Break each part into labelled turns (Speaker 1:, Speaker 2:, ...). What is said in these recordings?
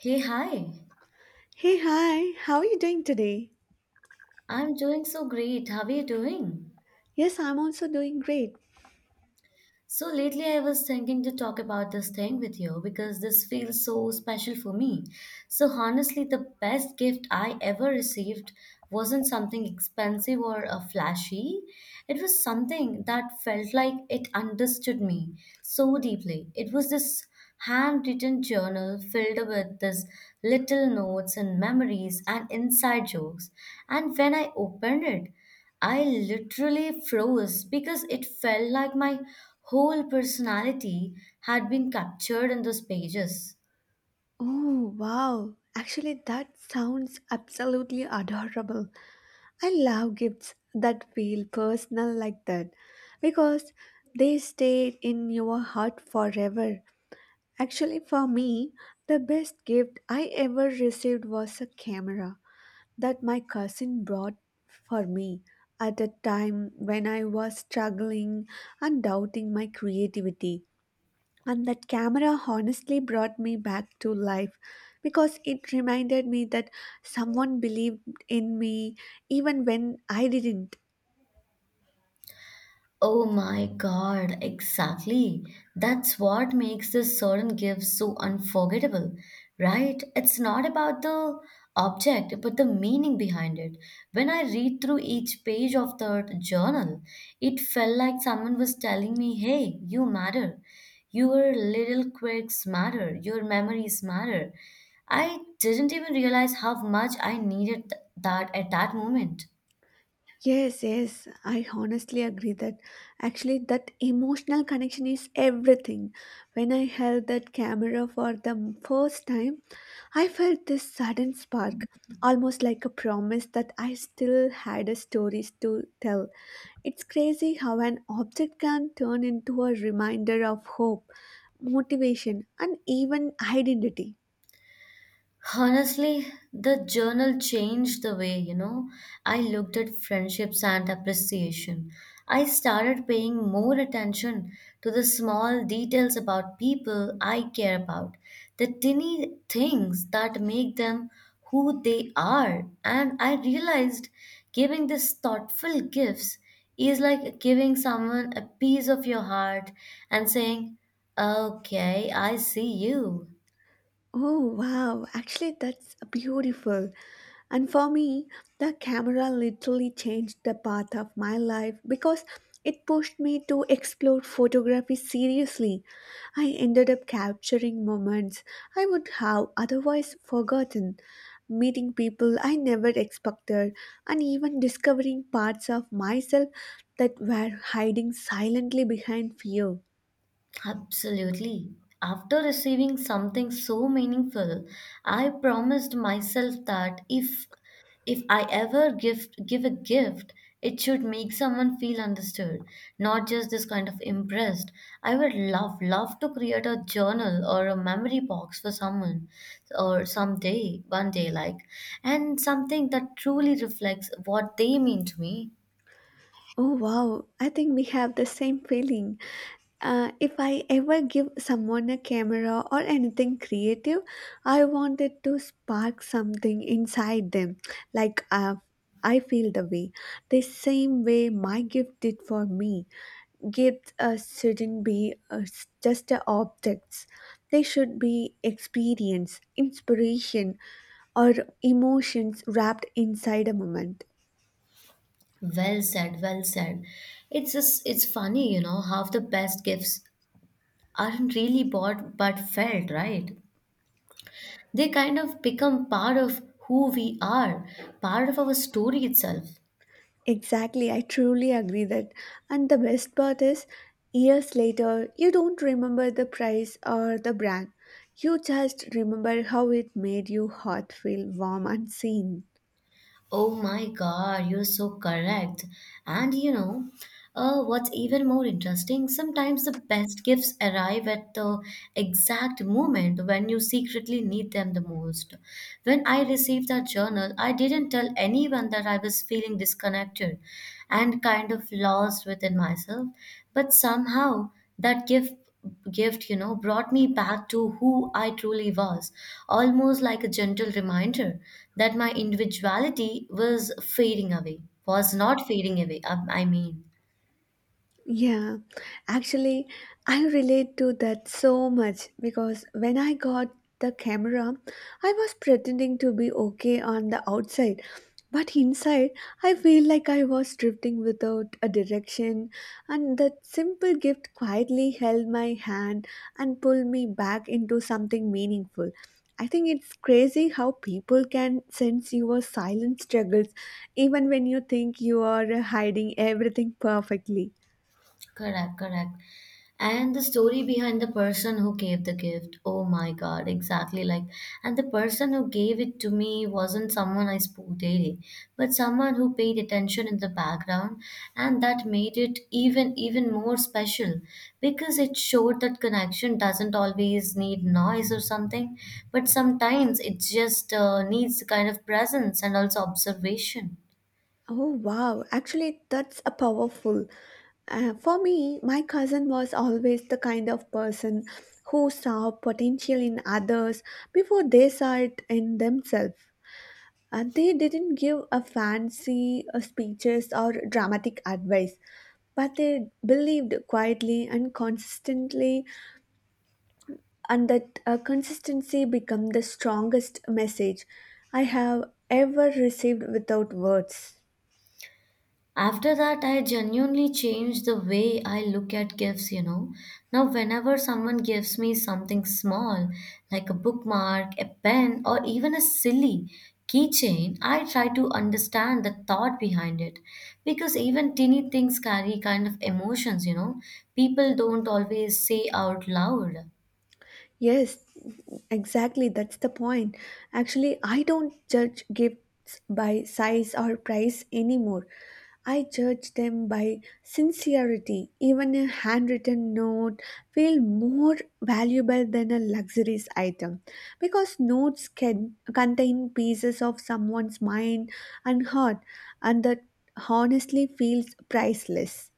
Speaker 1: Hey, hi.
Speaker 2: Hey, hi, how are you doing today?
Speaker 1: I'm doing so great. How are you doing?
Speaker 2: Yes, I'm also doing great.
Speaker 1: So lately I was thinking to talk about this thing with you because this feels so special for me. So honestly, the best gift I ever received wasn't something expensive or flashy. It was something that felt like it understood me so deeply. It was this handwritten journal filled with these little notes and memories and inside jokes. And when I opened it, I literally froze because it felt like my whole personality had been captured in those pages.
Speaker 2: Oh, wow. Actually, that sounds absolutely adorable. I love gifts that feel personal like that because they stay in your heart forever. Actually, for me, the best gift I ever received was a camera that my cousin brought for me at a time when I was struggling and doubting my creativity. And that camera honestly brought me back to life because it reminded me that someone believed in me even when I didn't.
Speaker 1: Oh my God, exactly. That's what makes the certain gift so unforgettable, right? It's not about the object, but the meaning behind it. When I read through each page of the journal, it felt like someone was telling me, hey, you matter. Your little quirks matter. Your memories matter. I didn't even realize how much I needed that at that moment.
Speaker 2: Yes, yes, I honestly agree that actually that emotional connection is everything. When I held that camera for the first time, I felt this sudden spark, almost like a promise that I still had a stories to tell. It's crazy how an object can turn into a reminder of hope, motivation, and even identity.
Speaker 1: Honestly, the journal changed the way, you know, I looked at friendships and appreciation. I started paying more attention to the small details about people I care about, the tiny things that make them who they are. And I realized giving these thoughtful gifts is like giving someone a piece of your heart and saying, okay, I see you.
Speaker 2: Oh wow, actually that's beautiful. And for me, the camera literally changed the path of my life because it pushed me to explore photography seriously. I ended up capturing moments I would have otherwise forgotten, meeting people I never expected, and even discovering parts of myself that were hiding silently behind fear.
Speaker 1: Absolutely. After receiving something so meaningful, I promised myself that if I ever give a gift, it should make someone feel understood, not just this kind of impressed. I would love to create a journal or a memory box for someone or someday, one day like, and something that truly reflects what they mean to me.
Speaker 2: Oh wow, I think we have the same feeling. If I ever give someone a camera or anything creative, I want it to spark something inside them. Like uh, I feel the way, the same way my gift did for me. Gifts shouldn't be just objects. They should be experience, inspiration, or emotions wrapped inside a moment.
Speaker 1: Well said, well said. It's just, it's funny, you know, how the best gifts aren't really bought but felt, right? They kind of become part of who we are, part of our story itself.
Speaker 2: Exactly, I truly agree that. And the best part is, years later, you don't remember the price or the brand. You just remember how it made your heart feel warm and seen.
Speaker 1: Oh my God, you're so correct. And you know, what's even more interesting, sometimes the best gifts arrive at the exact moment when you secretly need them the most. When I received that journal, I didn't tell anyone that I was feeling disconnected and kind of lost within myself, but somehow that gift brought me back to who I truly was, almost like a gentle reminder that my individuality was fading away, was not fading away, I mean.
Speaker 2: Yeah, actually, I relate to that so much because when I got the camera, I was pretending to be okay on the outside, but inside, I feel like I was drifting without a direction, and that simple gift quietly held my hand and pulled me back into something meaningful. I think it's crazy how people can sense your silent struggles even when you think you are hiding everything perfectly.
Speaker 1: Correct, correct. And the story behind the person who gave the gift. Oh my God, exactly like. And the person who gave it to me wasn't someone I spoke daily, but someone who paid attention in the background, and that made it even more special because it showed that connection doesn't always need noise or something, but sometimes it just needs the kind of presence and also observation.
Speaker 2: Oh, wow. Actually, that's a powerful. For me, my cousin was always the kind of person who saw potential in others before they saw it in themselves. And they didn't give a fancy speeches or dramatic advice, but they believed quietly and consistently, and that consistency became the strongest message I have ever received without words.
Speaker 1: After that, I genuinely changed the way I look at gifts, you know. Now, whenever someone gives me something small, like a bookmark, a pen, or even a silly keychain, I try to understand the thought behind it. Because even teeny things carry kind of emotions, you know. People don't always say out loud.
Speaker 2: Yes, exactly. That's the point. Actually, I don't judge gifts by size or price anymore. I judge them by sincerity. Even a handwritten note feel more valuable than a luxurious item because notes can contain pieces of someone's mind and heart and that honestly feels priceless.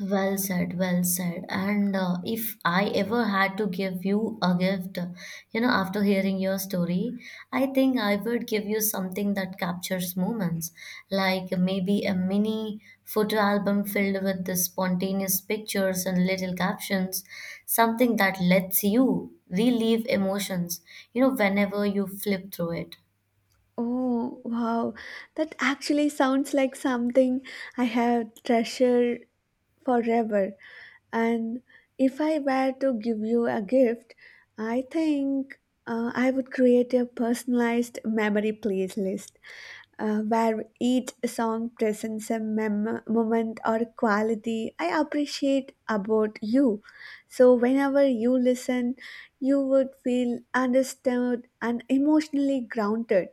Speaker 1: Well said, well said. And if I ever had to give you a gift, you know, after hearing your story, I think I would give you something that captures moments, like maybe a mini photo album filled with the spontaneous pictures and little captions, something that lets you relieve emotions, you know, whenever you flip through it.
Speaker 2: Oh, wow. That actually sounds like something I have treasured forever. And if I were to give you a gift, I think I would create a personalized memory playlist where each song presents a moment or quality I appreciate about you. So, whenever you listen, you would feel understood and emotionally grounded.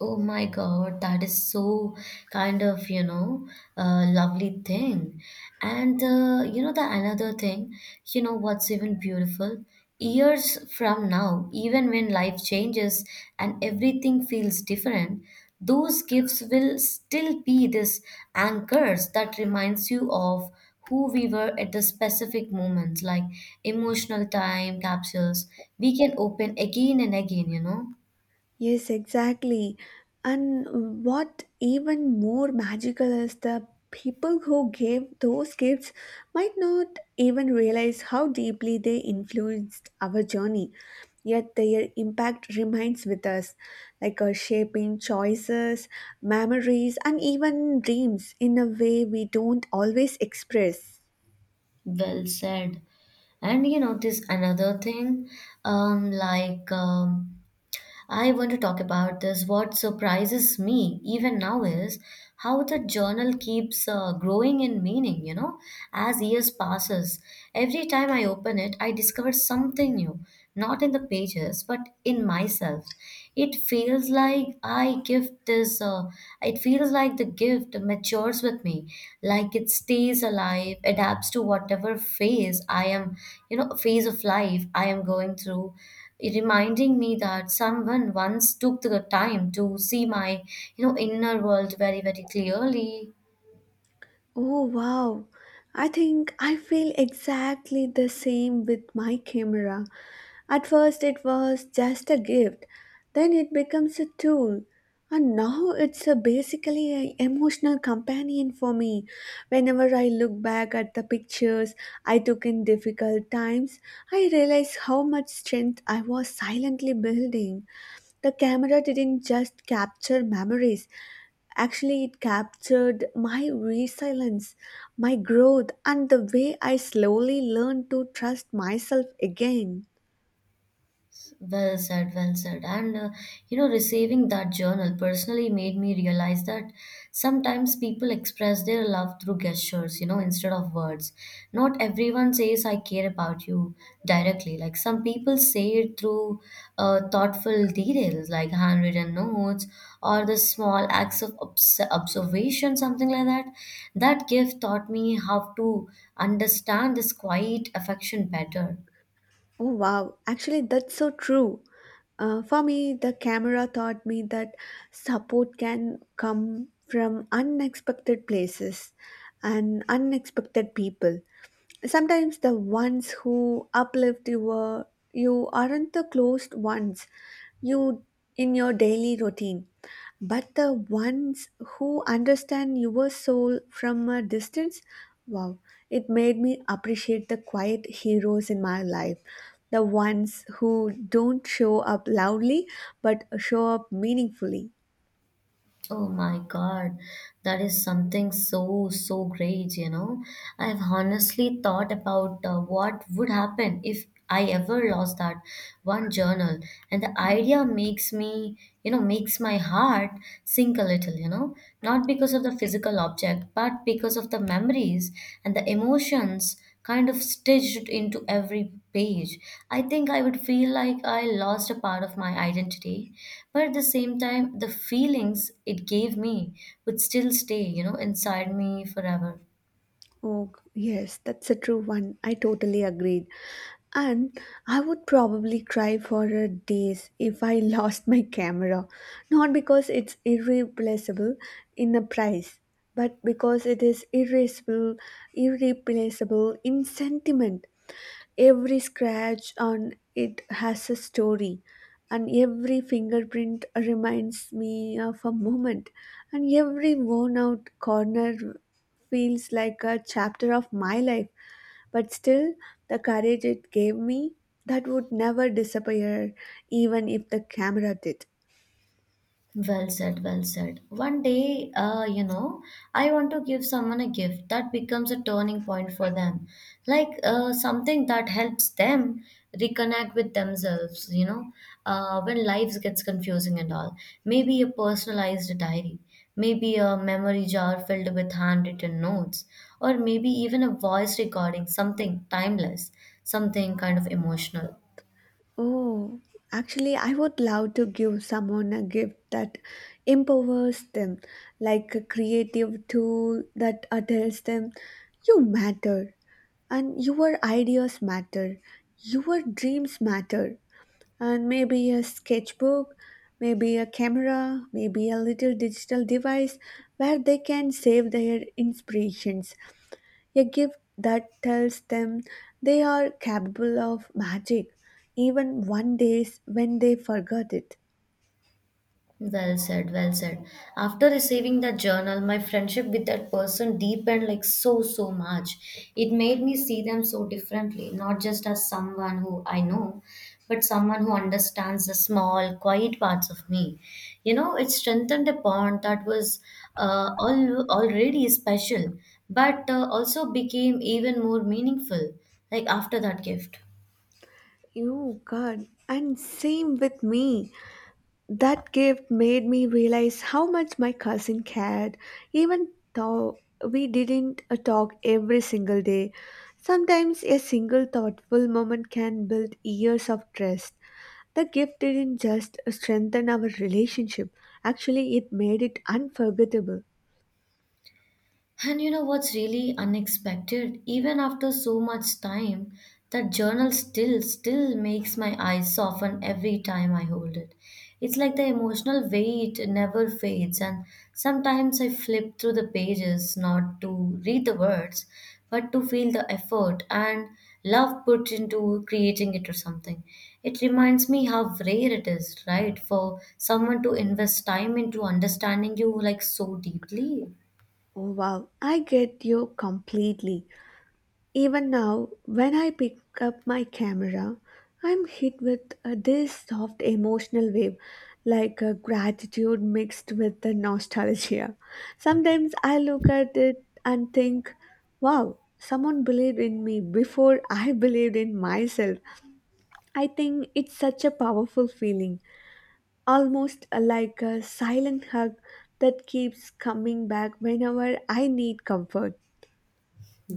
Speaker 1: Oh my God, that is so kind of, you know, lovely thing. And you know, the another thing, you know, what's even beautiful? Years from now, even when life changes and everything feels different, those gifts will still be this anchors that reminds you of who we were at the specific moments, like emotional time capsules we can open again and again, you know.
Speaker 2: Yes, exactly. And what even more magical is the people who gave those gifts might not even realize how deeply they influenced our journey, yet their impact remains with us, like shaping choices, memories, and even dreams in a way we don't always express.
Speaker 1: Well said. And you notice another thing, like I want to talk about this. What surprises me even now is how the journal keeps growing in meaning, you know, as years passes. Every time I open it, I discover something new, not in the pages, but in myself. It feels like it feels like the gift matures with me, like it stays alive, adapts to whatever phase I am, you know, phase of life I am going through, it reminding me that someone once took the time to see my, you know, inner world very clearly.
Speaker 2: Oh, wow. I think I feel exactly the same with my camera. At first, it was just a gift, then it becomes a tool, and now it's a basically an emotional companion for me. Whenever I look back at the pictures I took in difficult times, I realize how much strength I was silently building. The camera didn't just capture memories, actually, it captured my resilience, my growth, and the way I slowly learned to trust myself again.
Speaker 1: Well said, well said. And you know, receiving that journal personally made me realize that sometimes people express their love through gestures, you know, instead of words. Not everyone says, I care about you directly. Like some people say it through thoughtful details, like handwritten notes or the small acts of observation, something like that. That gift taught me how to understand this quiet affection better.
Speaker 2: Oh wow, actually, that's so true. For me, the camera taught me that support can come from unexpected places and unexpected people sometimes the ones who uplift you were you aren't the closed ones you in your daily routine but the ones who understand your soul from a distance. Wow, it made me appreciate the quiet heroes in my life, the ones who don't show up loudly but show up meaningfully.
Speaker 1: Oh my God, that is something so, so great, you know. I've honestly thought about what would happen if I ever lost that one journal. And the idea makes me, you know, makes my heart sink a little, you know, not because of the physical object, but because of the memories and the emotions kind of stitched into every page. I think I would feel like I lost a part of my identity, but at the same time, the feelings it gave me would still stay, you know, inside me forever.
Speaker 2: Oh, yes, that's a true one. I totally agreed. And I would probably cry for days if I lost my camera. Not because it's irreplaceable in a price, but because it is irreplaceable in sentiment. Every scratch on it has a story, and every fingerprint reminds me of a moment, and every worn out corner feels like a chapter of my life. But still, the courage it gave me that would never disappear, even if the camera did.
Speaker 1: Well said, well said. One day, you know, I want to give someone a gift that becomes a turning point for them, like something that helps them reconnect with themselves, you know, when life gets confusing and all. Maybe a personalized diary, maybe a memory jar filled with handwritten notes, or maybe even a voice recording, something timeless, something kind of emotional.
Speaker 2: Oh, actually, I would love to give someone a gift that empowers them, like a creative tool that tells them, you matter, and your ideas matter, your dreams matter, and maybe a sketchbook, maybe a camera, maybe a little digital device where they can save their inspirations, a gift that tells them they are capable of magic, even one days when they forgot it.
Speaker 1: Well said, well said. After receiving that journal, my friendship with that person deepened like so, so much. It made me see them so differently, not just as someone who I know, but someone who understands the small, quiet parts of me. You know, it strengthened a bond that was already special, but also became even more meaningful, like after that gift.
Speaker 2: Oh God, and same with me. That gift made me realize how much my cousin cared, even though we didn't talk every single day. Sometimes a single thoughtful moment can build years of trust. The gift didn't just strengthen our relationship, actually, it made it unforgettable.
Speaker 1: And you know what's really unexpected? Even after so much time, that journal still makes my eyes soften every time I hold it. It's like the emotional weight never fades, and sometimes I flip through the pages not to read the words but to feel the effort and love put into creating it or something. It reminds me how rare it is, right, for someone to invest time into understanding you like so deeply.
Speaker 2: Oh, wow, I get you completely. Even now, when I pick up my camera, I'm hit with this soft emotional wave, like a gratitude mixed with the nostalgia. Sometimes I look at it and think, wow, someone believed in me before I believed in myself. I think it's such a powerful feeling, almost like a silent hug that keeps coming back whenever I need comfort.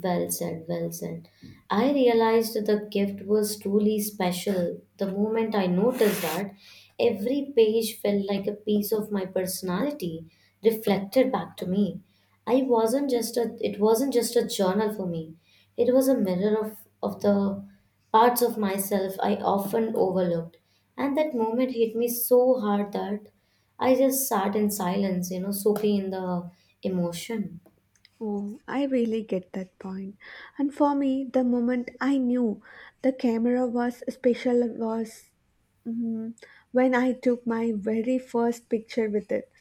Speaker 1: Well said, well said. I realized the gift was truly special the moment I noticed that every page felt like a piece of my personality reflected back to me. I wasn't just a It wasn't just a journal for me. It was a mirror of the parts of myself I often overlooked. And that moment hit me so hard that I just sat in silence, you know, soaking in the emotion.
Speaker 2: Oh, I really get that point. And for me, the moment I knew the camera was special was mm, when I took my very first picture with it.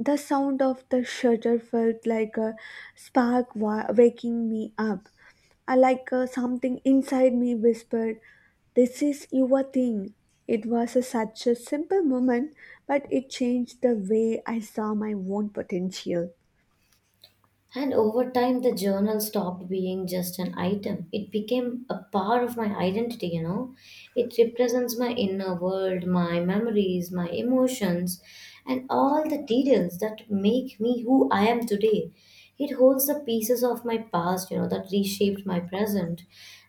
Speaker 2: The sound of the shutter felt like a spark waking me up. I like something inside me whispered, this is your thing. It was a, such a simple moment, but it changed the way I saw my own potential.
Speaker 1: And over time, the journal stopped being just an item. It became a part of my identity, you know. It represents my inner world, my memories, my emotions, and all the details that make me who I am today. It holds the pieces of my past, you know, that reshaped my present.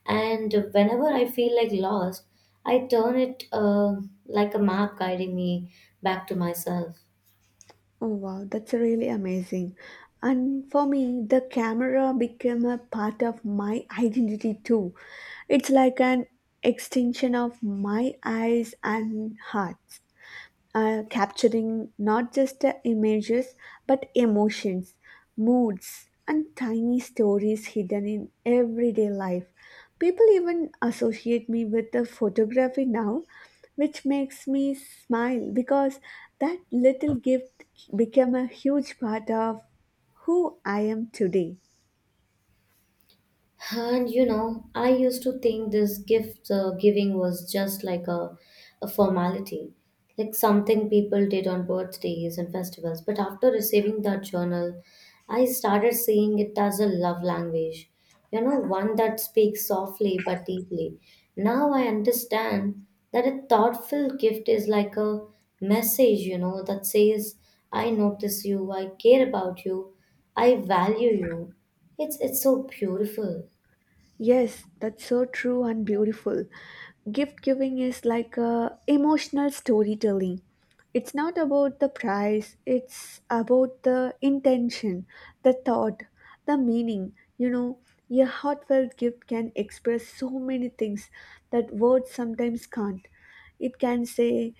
Speaker 1: And whenever I feel like lost, I turn it like a map guiding me back to myself.
Speaker 2: Oh wow, that's really amazing. And for me, the camera became a part of my identity too. It's like an extension of my eyes and heart capturing not just the images but emotions, moods, and tiny stories hidden in everyday life. People even associate me with the photography now, which makes me smile because that little gift became a huge part of who I am today.
Speaker 1: And you know, I used to think this gift giving was just like a formality, like something people did on birthdays and festivals. But after receiving that journal, I started seeing it as a love language, you know, one that speaks softly but deeply. Now I understand that a thoughtful gift is like a message, you know, that says, I notice you, I care about you, I value you. It's so beautiful.
Speaker 2: Yes, that's so true and beautiful. Gift giving is like a emotional storytelling. It's not about the price, it's about the intention, the thought, the meaning. You know, a heartfelt gift can express so many things that words sometimes can't. It can say,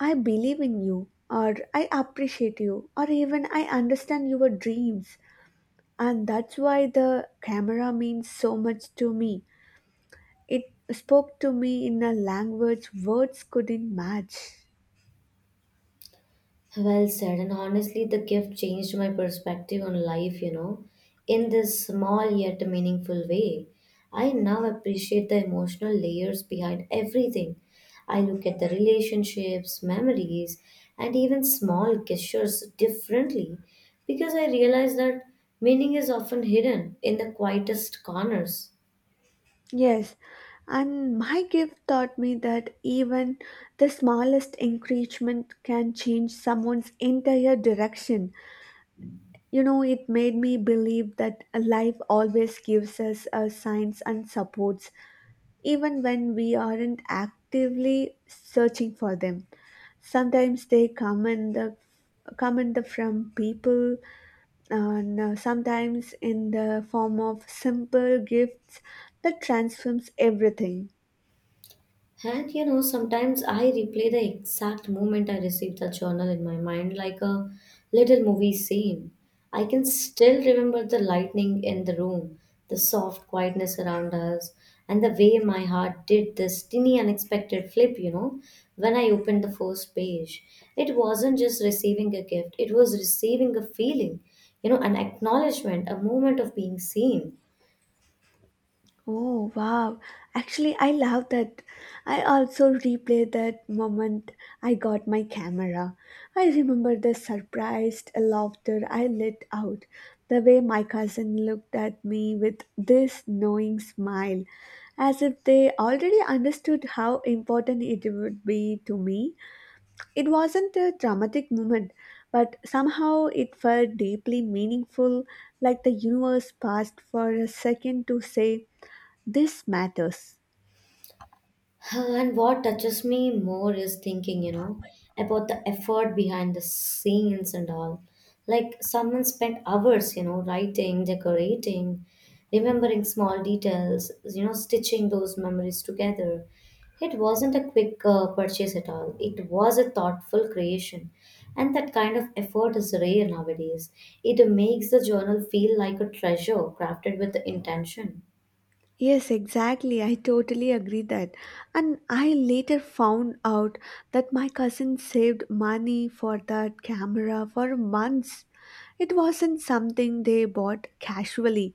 Speaker 2: I believe in you, or I appreciate you, or even I understand your dreams. And that's why the camera means so much to me, it spoke to me in a language words couldn't match.
Speaker 1: Well said. And honestly, the gift changed my perspective on life, you know, in this small yet meaningful way. I now appreciate the emotional layers behind everything. I look at the relationships, memories, and even small gestures differently because I realize that meaning is often hidden in the quietest corners.
Speaker 2: Yes, and my gift taught me that even the smallest encouragement can change someone's entire direction. You know, it made me believe that life always gives us a signs and supports, even when we aren't actively searching for them. Sometimes they come in the from people and sometimes in the form of simple gifts that transforms everything.
Speaker 1: And you know, sometimes I replay the exact moment I received that journal in my mind like a little movie scene. I can still remember the lightning in the room, the soft quietness around us, and the way my heart did this teeny unexpected flip, you know, when I opened the first page. It wasn't just receiving a gift, it was receiving a feeling, you know, an acknowledgement, a moment of being seen.
Speaker 2: Oh wow, actually, I love that. I also replay that moment I got my camera. I remember the surprised laughter I let out, the way my cousin looked at me with this knowing smile, as if they already understood how important it would be to me. It wasn't a dramatic moment, but somehow it felt deeply meaningful, like the universe paused for a second to say, this matters.
Speaker 1: Huh. And what touches me more is thinking, you know, about the effort behind the scenes and all. Like someone spent hours, you know, writing, decorating, remembering small details, you know, stitching those memories together. It wasn't a quick purchase at all. It was a thoughtful creation. And that kind of effort is rare nowadays. It makes the journal feel like a treasure crafted with the intention.
Speaker 2: Yes, exactly. I totally agree that. And I later found out that my cousin saved money for that camera for months. It wasn't something they bought casually.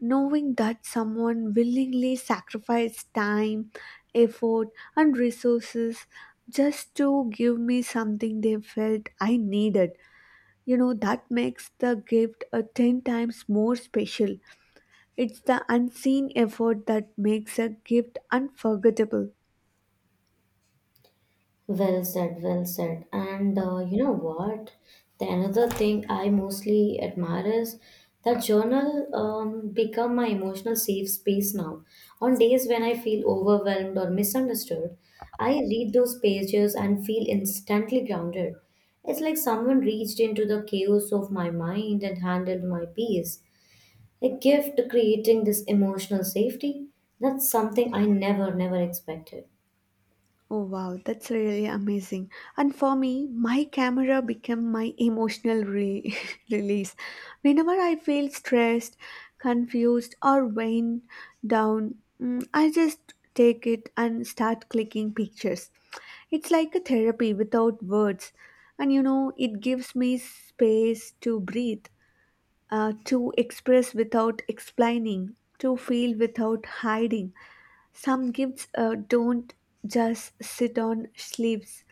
Speaker 2: Knowing that someone willingly sacrificed time, effort, and resources just to give me something they felt I needed, you know, that makes the gift a 10 times more special. It's the unseen effort that makes a gift unforgettable.
Speaker 1: Well said, well said. And you know what? The another thing I mostly admire is that journal become my emotional safe space now. On days when I feel overwhelmed or misunderstood, I read those pages and feel instantly grounded. It's like someone reached into the chaos of my mind and handled my peace. A gift creating this emotional safety. That's something I never, never expected.
Speaker 2: Oh wow, that's really amazing. And for me, my camera became my emotional release. Whenever I feel stressed, confused, or worn down, I just take it and start clicking pictures. It's like a therapy without words. And you know, it gives me space to breathe, to express without explaining, to feel without hiding. Some gifts don't just sit on sleeves,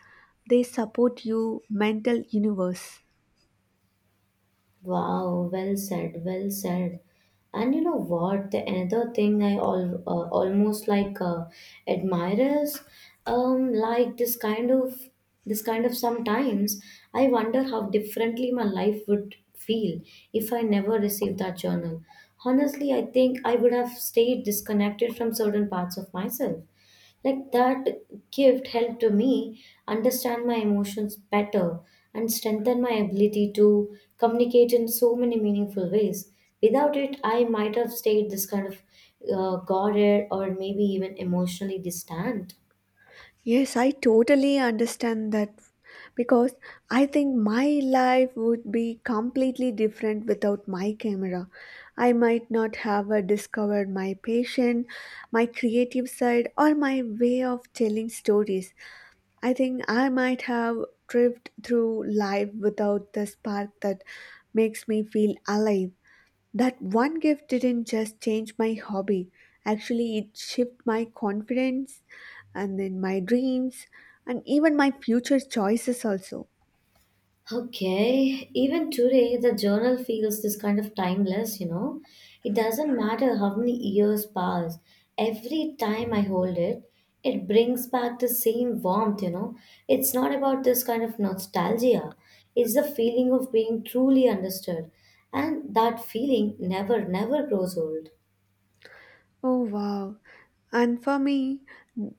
Speaker 2: they support your mental universe.
Speaker 1: Wow, well said, well said. And you know what? The another thing I al almost like admire is like this kind of sometimes I wonder how differently my life would feel if I never received that journal. Honestly, I think I would have stayed disconnected from certain parts of myself. Like that gift helped me understand my emotions better and strengthen my ability to communicate in so many meaningful ways. Without it, I might have stayed this kind of guarded or maybe even emotionally distant.
Speaker 2: Yes, I totally understand that because I think my life would be completely different without my camera. I might not have discovered my passion, my creative side, or my way of telling stories. I think I might have drift through life without the spark that makes me feel alive. That one gift didn't just change my hobby. Actually, it shifted my confidence and then my dreams and even my future choices also.
Speaker 1: Okay, even today the journal feels this kind of timeless, you know. It doesn't matter how many years pass, every time I hold it, it brings back the same warmth, you know. It's not about this kind of nostalgia, it's the feeling of being truly understood, and that feeling never, never grows old.
Speaker 2: Oh wow. And for me,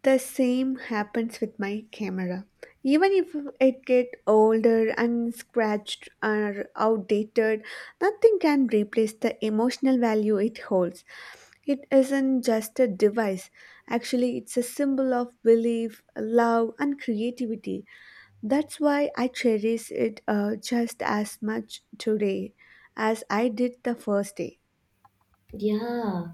Speaker 2: the same happens with my camera. Even if it get older and scratched or outdated, nothing can replace the emotional value it holds. It isn't just a device. Actually, it's a symbol of belief, love, and creativity. That's why I cherish it just as much today as I did the first day.
Speaker 1: Yeah,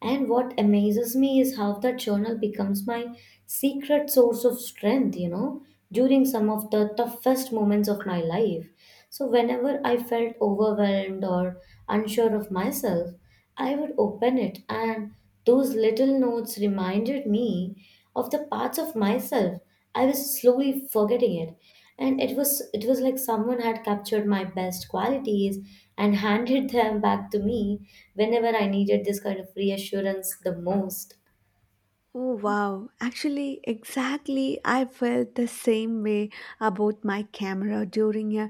Speaker 1: and what amazes me is how that journal becomes my secret source of strength, you know, during some of the toughest moments of my life. So, whenever I felt overwhelmed or unsure of myself, I would open it, and those little notes reminded me of the parts of myself I was slowly forgetting it. And it was like someone had captured my best qualities and handed them back to me whenever I needed this kind of reassurance the most.
Speaker 2: Oh wow, actually, exactly. I felt the same way about my camera during a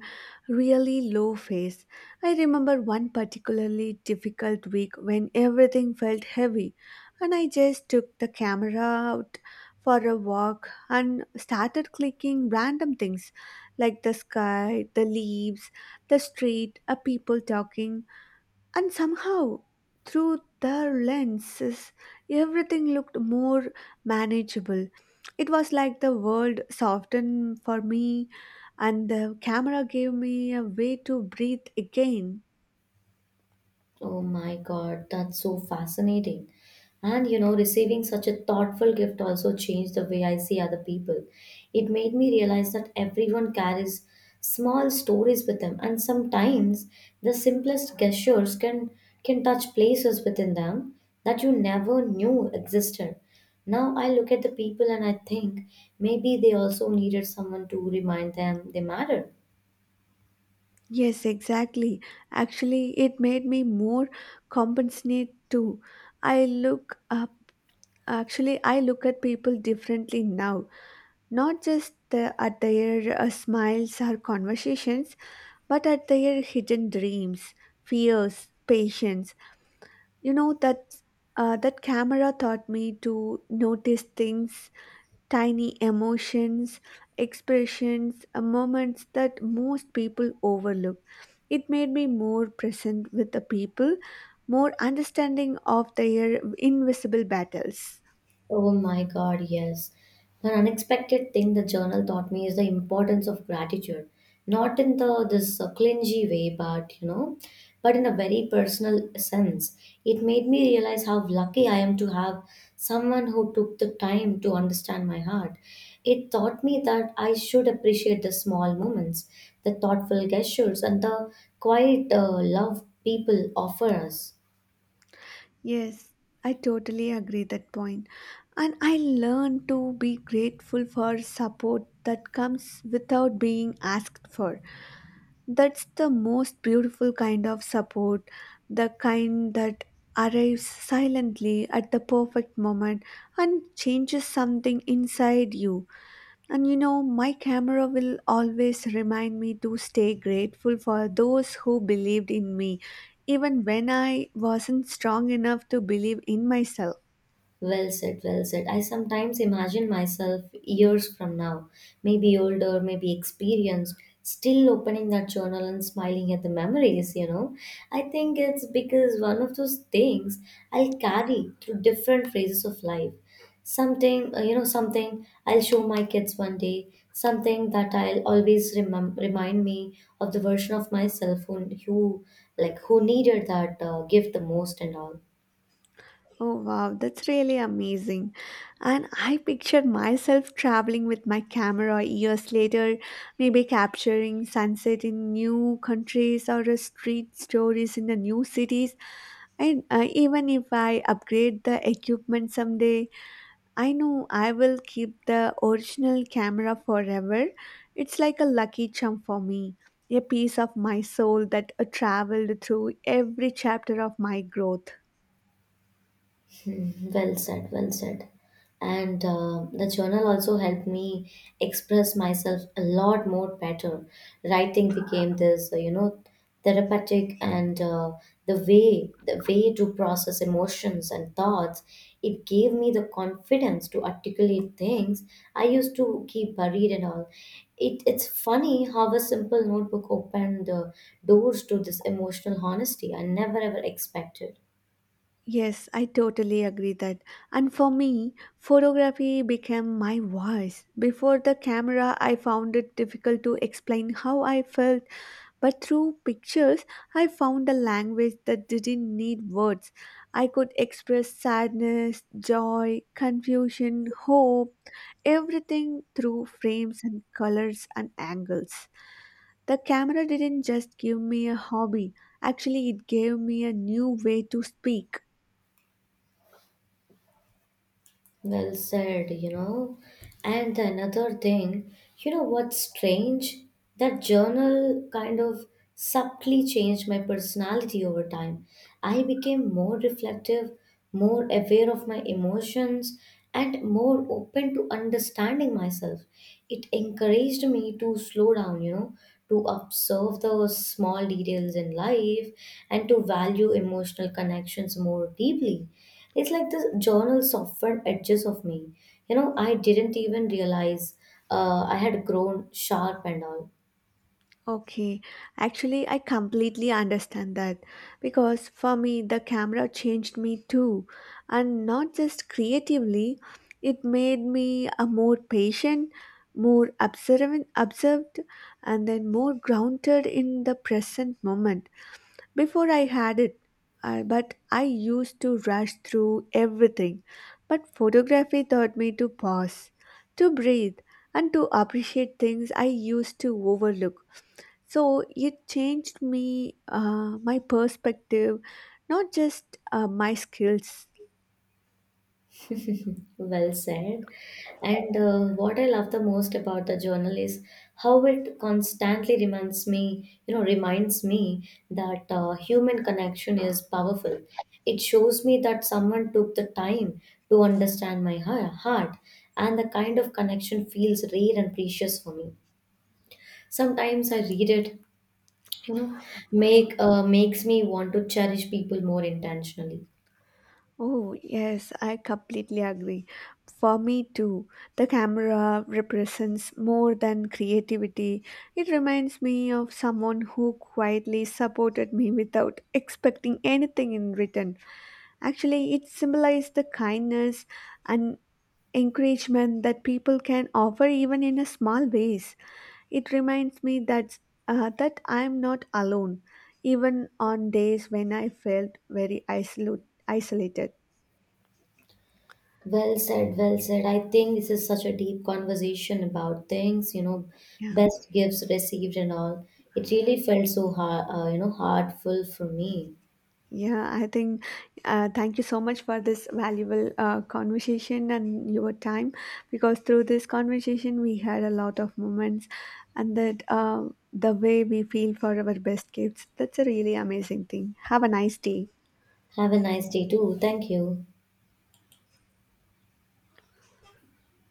Speaker 2: really low phase. I remember one particularly difficult week when everything felt heavy, and I just took the camera out for a walk and started clicking random things like the sky, the leaves, the street, a people talking. And somehow, through their lenses, everything looked more manageable. It was like the world softened for me, and the camera gave me a way to breathe again.
Speaker 1: Oh my God, that's so fascinating. And you know, receiving such a thoughtful gift also changed the way I see other people. It made me realize that everyone carries small stories with them, and sometimes the simplest gestures can touch places within them that you never knew existed. Now I look at the people and I think maybe they also needed someone to remind them they matter.
Speaker 2: Yes, exactly. Actually, it made me more compassionate too. I look up, actually, I look at people differently now, not just the, at their smiles or conversations but at their hidden dreams, fears, patience. You know that that camera taught me to notice things, tiny emotions, expressions, moments that most people overlook. It made me more present with the people, more understanding of their invisible battles.
Speaker 1: Oh my God, yes. An unexpected thing the journal taught me is the importance of gratitude, not in the this clingy way, but you know, but in a very personal sense. It made me realize how lucky I am to have someone who took the time to understand my heart. It taught me that I should appreciate the small moments, the thoughtful gestures, and the quiet love people offer us.
Speaker 2: Yes, I totally agree that point. And I learn to be grateful for support that comes without being asked for. That's the most beautiful kind of support, the kind that arrives silently at the perfect moment and changes something inside you. And you know, my camera will always remind me to stay grateful for those who believed in me, even when I wasn't strong enough to believe in myself.
Speaker 1: Well said, well said. I sometimes imagine myself years from now, maybe older, maybe experienced, still opening that journal and smiling at the memories, you know. I think it's because one of those things I'll carry through different phases of life. Something, you know, something I'll show my kids one day, something that I'll always remind me of the version of myself who who needed that gift the most and all.
Speaker 2: Oh wow, that's really amazing. And I picture myself traveling with my camera years later, maybe capturing sunset in new countries or street stories in the new cities. And even if I upgrade the equipment someday, I know I will keep the original camera forever. It's like a lucky charm for me, a piece of my soul that traveled through every chapter of my growth.
Speaker 1: Hmm, well said, well said. And the journal also helped me express myself a lot more better. Writing became this, you know, therapeutic, and the way to process emotions and thoughts. It gave me the confidence to articulate things I used to keep buried and all. It's funny how a simple notebook opened doors to this emotional honesty I never ever expected.
Speaker 2: Yes, I totally agree that. And for me, photography became my voice. Before the camera, I found it difficult to explain how I felt, but through pictures, I found a language that didn't need words. I could express sadness, joy, confusion, hope, everything through frames and colors and angles. The camera didn't just give me a hobby, actually, it gave me a new way to speak.
Speaker 1: Well said, you know. And another thing, you know what's strange? That journal kind of subtly changed my personality over time. I became more reflective, more aware of my emotions, and more open to understanding myself. It encouraged me to slow down, you know, to observe the small details in life and to value emotional connections more deeply. It's like the journal softened edges of me. You know, I didn't even realize I had grown sharp and all.
Speaker 2: Okay, actually, I completely understand that because for me, the camera changed me too, and not just creatively, it made me a more patient, more observant, and then more grounded in the present moment. Before I had it, but I used to rush through everything. But photography taught me to pause, to breathe, and to appreciate things I used to overlook. So it changed me, my perspective, not just my skills.
Speaker 1: Well said. And what I love the most about the journal is how it constantly reminds me, you know, reminds me that human connection is powerful. It shows me that someone took the time to understand my heart, and the kind of connection feels rare and precious for me. Sometimes I read it, you know, make makes me want to cherish people more intentionally.
Speaker 2: Oh, yes, I completely agree. For me too, the camera represents more than creativity. It reminds me of someone who quietly supported me without expecting anything in return. Actually, it symbolized the kindness and encouragement that people can offer even in a small ways. It reminds me that I'm not alone, even on days when I felt very isolated.
Speaker 1: Well said, well said. I think this is such a deep conversation about things, you know,
Speaker 2: Yeah,
Speaker 1: best gifts received and all. It really felt so hard, you know, heartful for me.
Speaker 2: yeah. I think thank you so much for this valuable conversation and your time, because through this conversation we had a lot of moments, and that the way we feel for our best gifts. That's a really amazing thing. Have a nice day.
Speaker 1: Have a nice day too. Thank you.